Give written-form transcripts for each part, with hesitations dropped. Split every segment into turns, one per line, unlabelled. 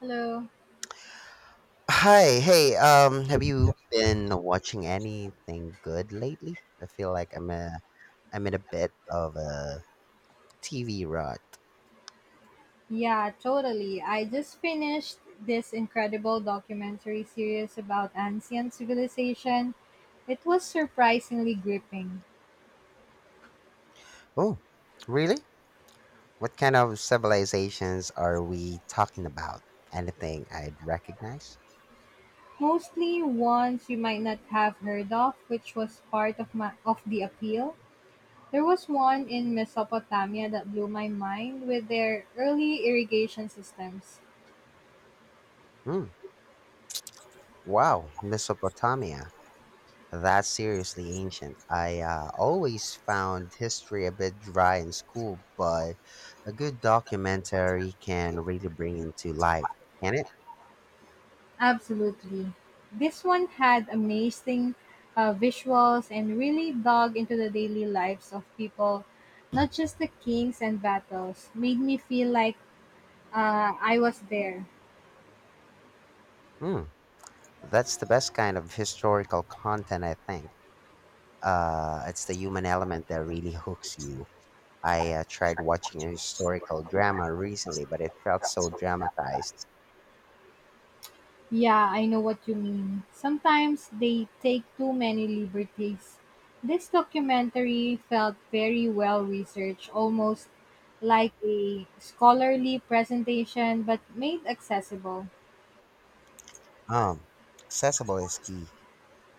Hello.
Hi, hey, have you been watching anything good lately? I feel like I'm in a bit of a TV rut.
Yeah, totally. I just finished this incredible documentary series about ancient civilization. It was surprisingly gripping.
Oh, really? What kind of civilizations are we talking about? Anything I'd recognize?
Mostly ones you might not have heard of, which was part of my of the appeal. There was one in Mesopotamia that blew my mind with their early irrigation systems.
Hmm. Wow, Mesopotamia. That's seriously ancient. I always found history a bit dry in school, but a good documentary can really bring into life, can it?
Absolutely. This one had amazing visuals and really dug into the daily lives of people, not just the kings and battles. Made me feel like I was there.
Hmm, that's the best kind of historical content, I think. It's the human element that really hooks you. I tried watching a historical drama recently, but it felt so dramatized.
Yeah, I know what you mean. Sometimes they take too many liberties. This documentary felt very well researched, almost like a scholarly presentation, but made accessible.
Um, Accessible is key.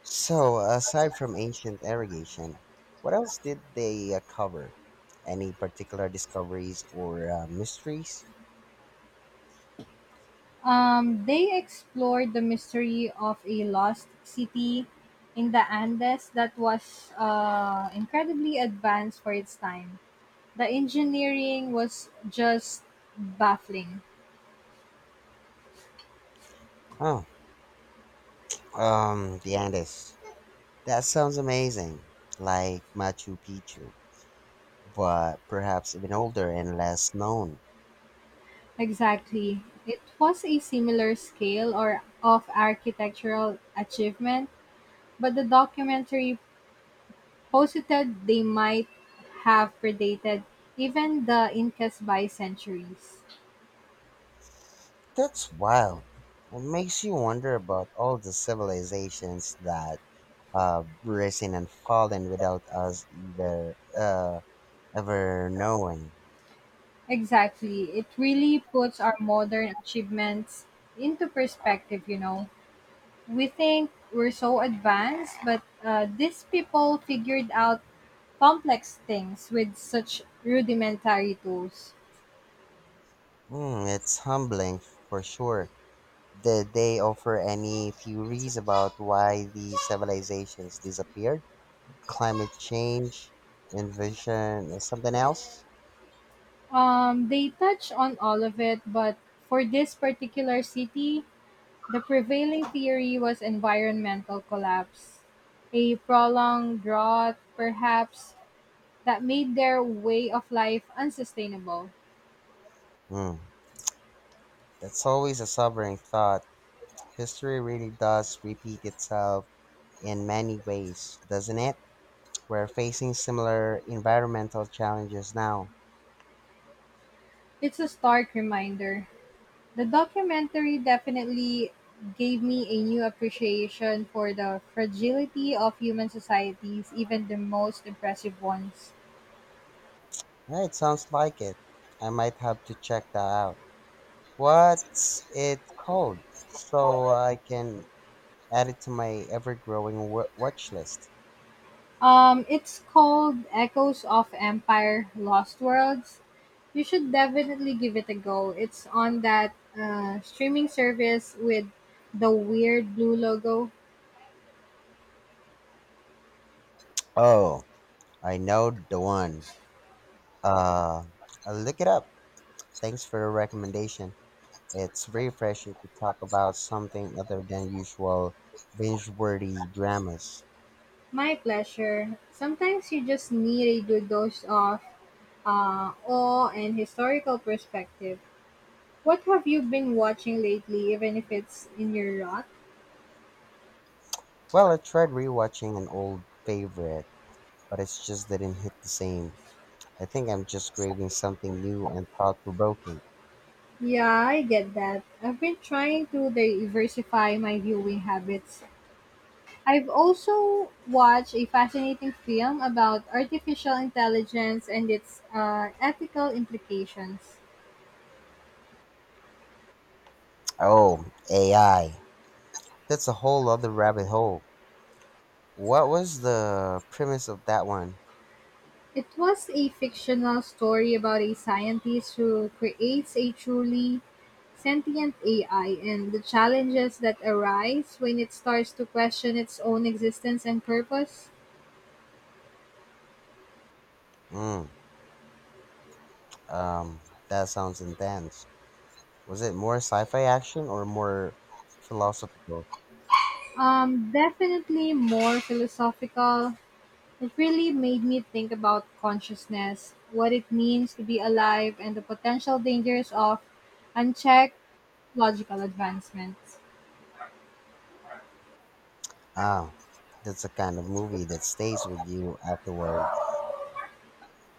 So, aside from ancient irrigation, what else did they cover? Any particular discoveries or mysteries?
They explored the mystery of a lost city in the Andes that was incredibly advanced for its time. The engineering was just baffling.
Oh, the Andes. That sounds amazing. Like Machu Picchu, but perhaps even older and less known.
Exactly. It was a similar scale or of architectural achievement, but the documentary posited they might have predated even the Incas by centuries.
That's wild. It makes you wonder about all the civilizations that have risen and fallen without us either ever knowing.
Exactly. It really puts our modern achievements into perspective, you know. We think we're so advanced, but these people figured out complex things with such rudimentary tools.
Mm, it's humbling for sure. Did they offer any theories about why these civilizations disappeared? Climate change, invasion, something else?
They touch on all of it, but for this particular city, the prevailing theory was environmental collapse. A prolonged drought, perhaps, that made their way of life unsustainable.
Hmm. That's always a sobering thought. History really does repeat itself in many ways, doesn't it? We're facing similar environmental challenges now.
It's a stark reminder. The documentary definitely gave me a new appreciation for the fragility of human societies, even the most impressive ones.
Yeah, it sounds like it. I might have to check that out. What's it called? So I can add it to my ever growing watch list.
It's called Echoes of Empire Lost Worlds. You should definitely give it a go. It's on that streaming service with the weird blue logo.
Oh, I know the one. Uh, I'll look it up. Thanks for the recommendation. It's refreshing to talk about something other than usual binge-worthy dramas.
My pleasure. Sometimes you just need a good dose of awe and historical perspective. What have you been watching lately, even if it's in your lot,
Well, I tried rewatching an old favorite, but it's just didn't hit the same. I think I'm just craving something new and thought-provoking.
Yeah, I get that. I've been trying to diversify my viewing habits. I've also watched a fascinating film about artificial intelligence and its ethical implications.
Oh, AI. That's a whole other rabbit hole. What was the premise of that one?
It was a fictional story about a scientist who creates a truly sentient AI, and the challenges that arise when it starts to question its own existence and purpose.
Mm, um, that sounds intense. Was it more sci-fi action or more philosophical?
Definitely more philosophical. It really made me think about consciousness, what it means to be alive, and the potential dangers of unchecked logical advancements.
Ah, that's the kind of movie that stays with you afterwards.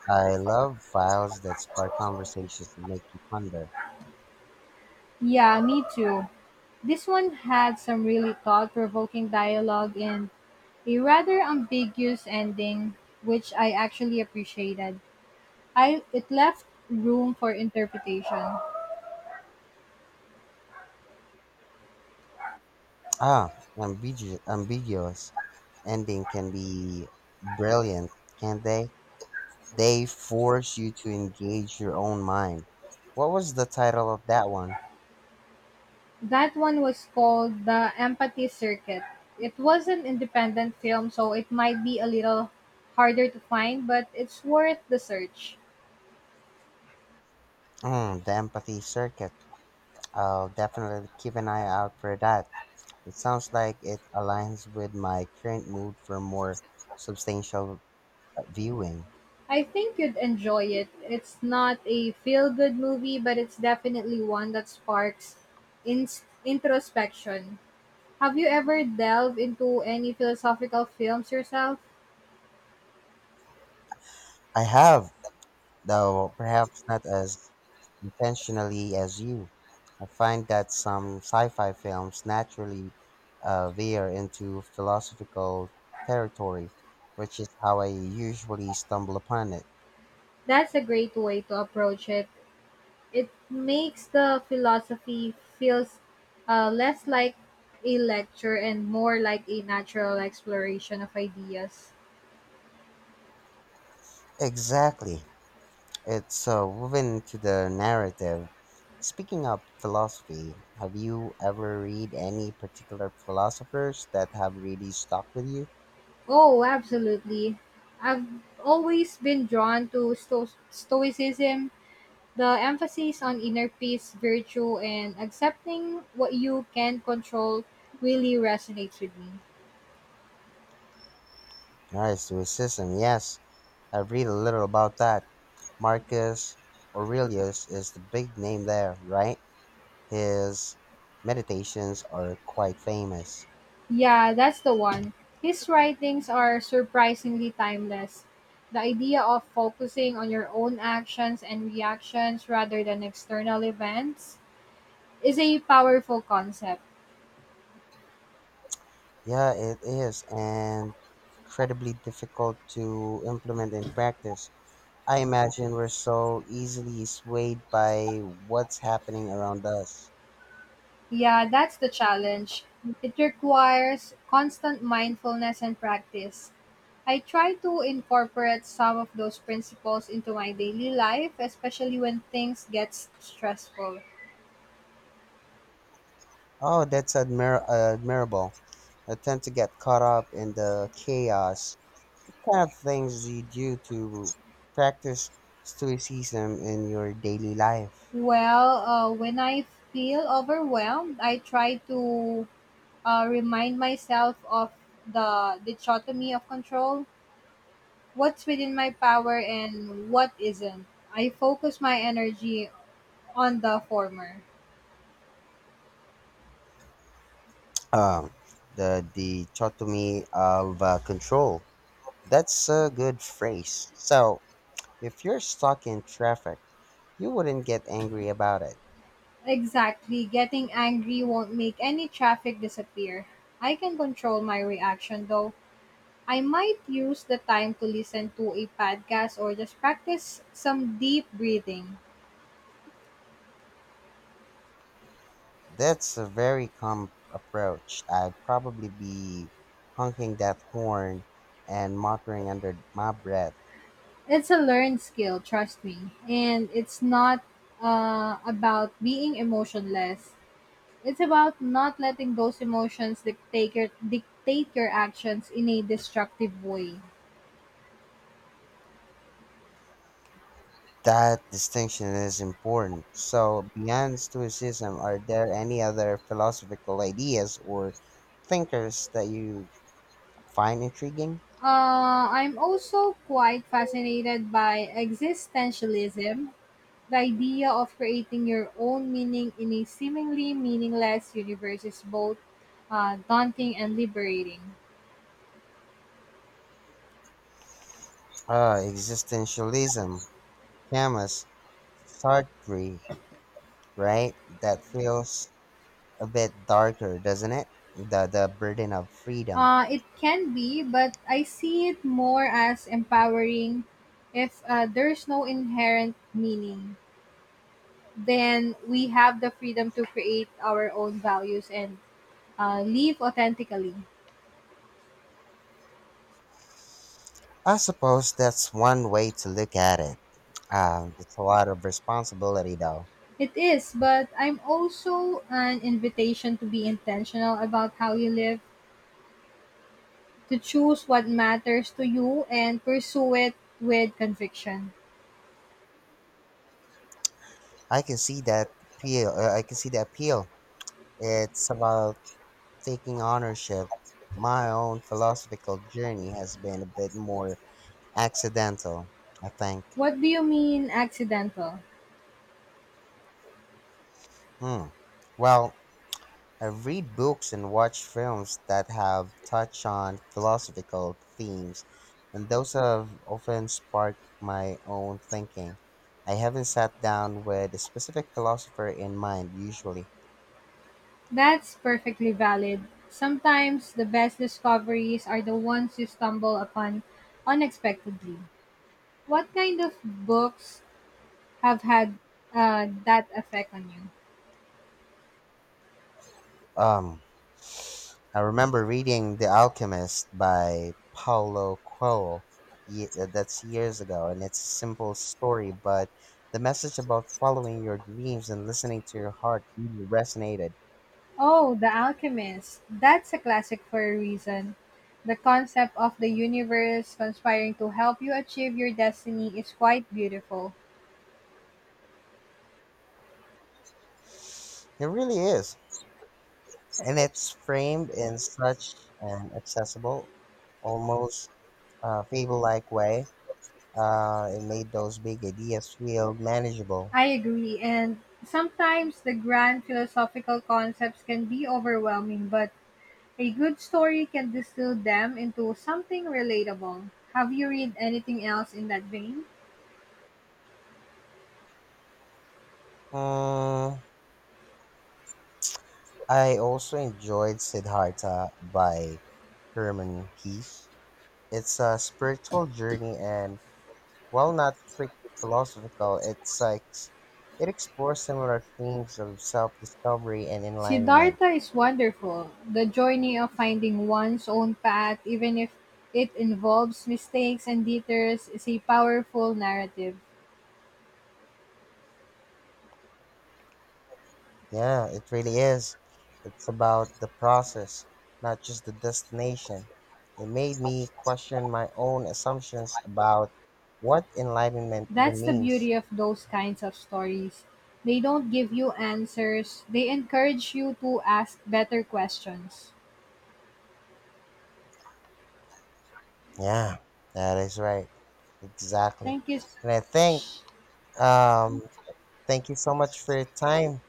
I love files that spark conversations and make you ponder.
Yeah, me too. This one had some really thought provoking dialogue and a rather ambiguous ending, which I actually appreciated. I it left room for interpretation.
Ah, ambiguous ending can be brilliant, can't they? They force you to engage your own mind. What was the title of that one?
That one was called the Empathy Circuit. It was an independent film, so it might be a little harder to find, but it's worth the search.
Mm, the Empathy Circuit. I'll definitely keep an eye out for that. It sounds like it aligns with my current mood for more substantial viewing.
I think you'd enjoy it. It's not a feel good movie, but it's definitely one that sparks ins introspection. Have you ever delved into any philosophical films yourself?
I have, though perhaps not as intentionally as you. I find that some sci fi films naturally veer into philosophical territory, which is how I usually stumble upon it.
That's a great way to approach it. It makes the philosophy feels less like a lecture and more like a natural exploration of ideas.
Exactly. It's woven into the narrative. Speaking of philosophy, have you ever read any particular philosophers that have really stuck with you?
Oh, absolutely. I've always been drawn to Stoicism, the emphasis on inner peace, virtue, and accepting what you can control really resonates with me.
Right, Stoicism, yes. I've read a little about that. Marcus Aurelius is the big name there, right? His meditations are quite famous.
Yeah, that's the one. His writings are surprisingly timeless. The idea of focusing on your own actions and reactions rather than external events is a powerful concept.
Yeah, it is and incredibly difficult to implement in practice. I imagine we're so easily swayed by what's happening around us.
Yeah, that's the challenge. It requires constant mindfulness and practice. I try to incorporate some of those principles into my daily life, especially when things get stressful.
Oh, that's admirable. I tend to get caught up in the chaos. What kind of things do you do to practice stoicism in your daily life?
Well, when I feel overwhelmed, I try to remind myself of the dichotomy of control, what's within my power and what isn't. I focus my energy on the former.
Um, the dichotomy of control. That's a good phrase. So, if you're stuck in traffic, you wouldn't get angry about it.
Exactly, getting angry won't make any traffic disappear. I can control my reaction though. I might use the time to listen to a podcast or just practice some deep breathing.
That's a very calm approach. I'd probably be honking that horn and muttering under my breath.
It's a learned skill, trust me. And it's not about being emotionless. It's about not letting those emotions dictate your actions in a destructive way.
That distinction is important. So, beyond Stoicism, are there any other philosophical ideas or thinkers that you find intriguing?
I'm also quite fascinated by existentialism, the idea of creating your own meaning in a seemingly meaningless universe is both daunting and liberating.
Existentialism, Camus, Sartre, right? That feels a bit darker, doesn't it? The burden of freedom.
It can be, but I see it more as empowering. If there's no inherent meaning, then we have the freedom to create our own values and live authentically.
I suppose that's one way to look at it. It's a lot of responsibility, though.
It is, but I'm also an invitation to be intentional about how you live, to choose what matters to you and pursue it with conviction.
I can see that appeal. I can see the appeal. It's about taking ownership, my own philosophical journey has been a bit more accidental, I think.
What do you mean accidental?
Hmm. Well, I read books and watch films that have touched on philosophical themes, and those have often sparked my own thinking. I haven't sat down with a specific philosopher in mind usually.
That's perfectly valid. Sometimes the best discoveries are the ones you stumble upon unexpectedly. What kind of books have had that effect on you?
Um, I remember reading The Alchemist by Paulo Coelho. That's years ago, and it's a simple story, but the message about following your dreams and listening to your heart really resonated.
Oh, The Alchemist. That's a classic for a reason. The concept of the universe conspiring to help you achieve your destiny is quite beautiful.
It really is, and it's framed in such an accessible, almost fable-like way. It made those big ideas feel manageable.
I agree, and sometimes the grand philosophical concepts can be overwhelming, but a good story can distill them into something relatable. Have you read anything else in that vein?
Mm, I also enjoyed Siddhartha by Herman Hesse. It's a spiritual journey and while not strictly philosophical, it's like it explores similar themes of self-discovery and enlightenment.
Siddhartha is wonderful. The journey of finding one's own path, even if it involves mistakes and detours, is a powerful narrative.
Yeah, it really is. It's about the process, not just the destination. It made me question my own assumptions about what enlightenment even
That's the
means.
beauty of those kinds of stories. They don't give you answers, they encourage you to ask better questions.
Yeah, that is right. Exactly.
Thank you so
And I think,
much.
um, thank you so much for your time.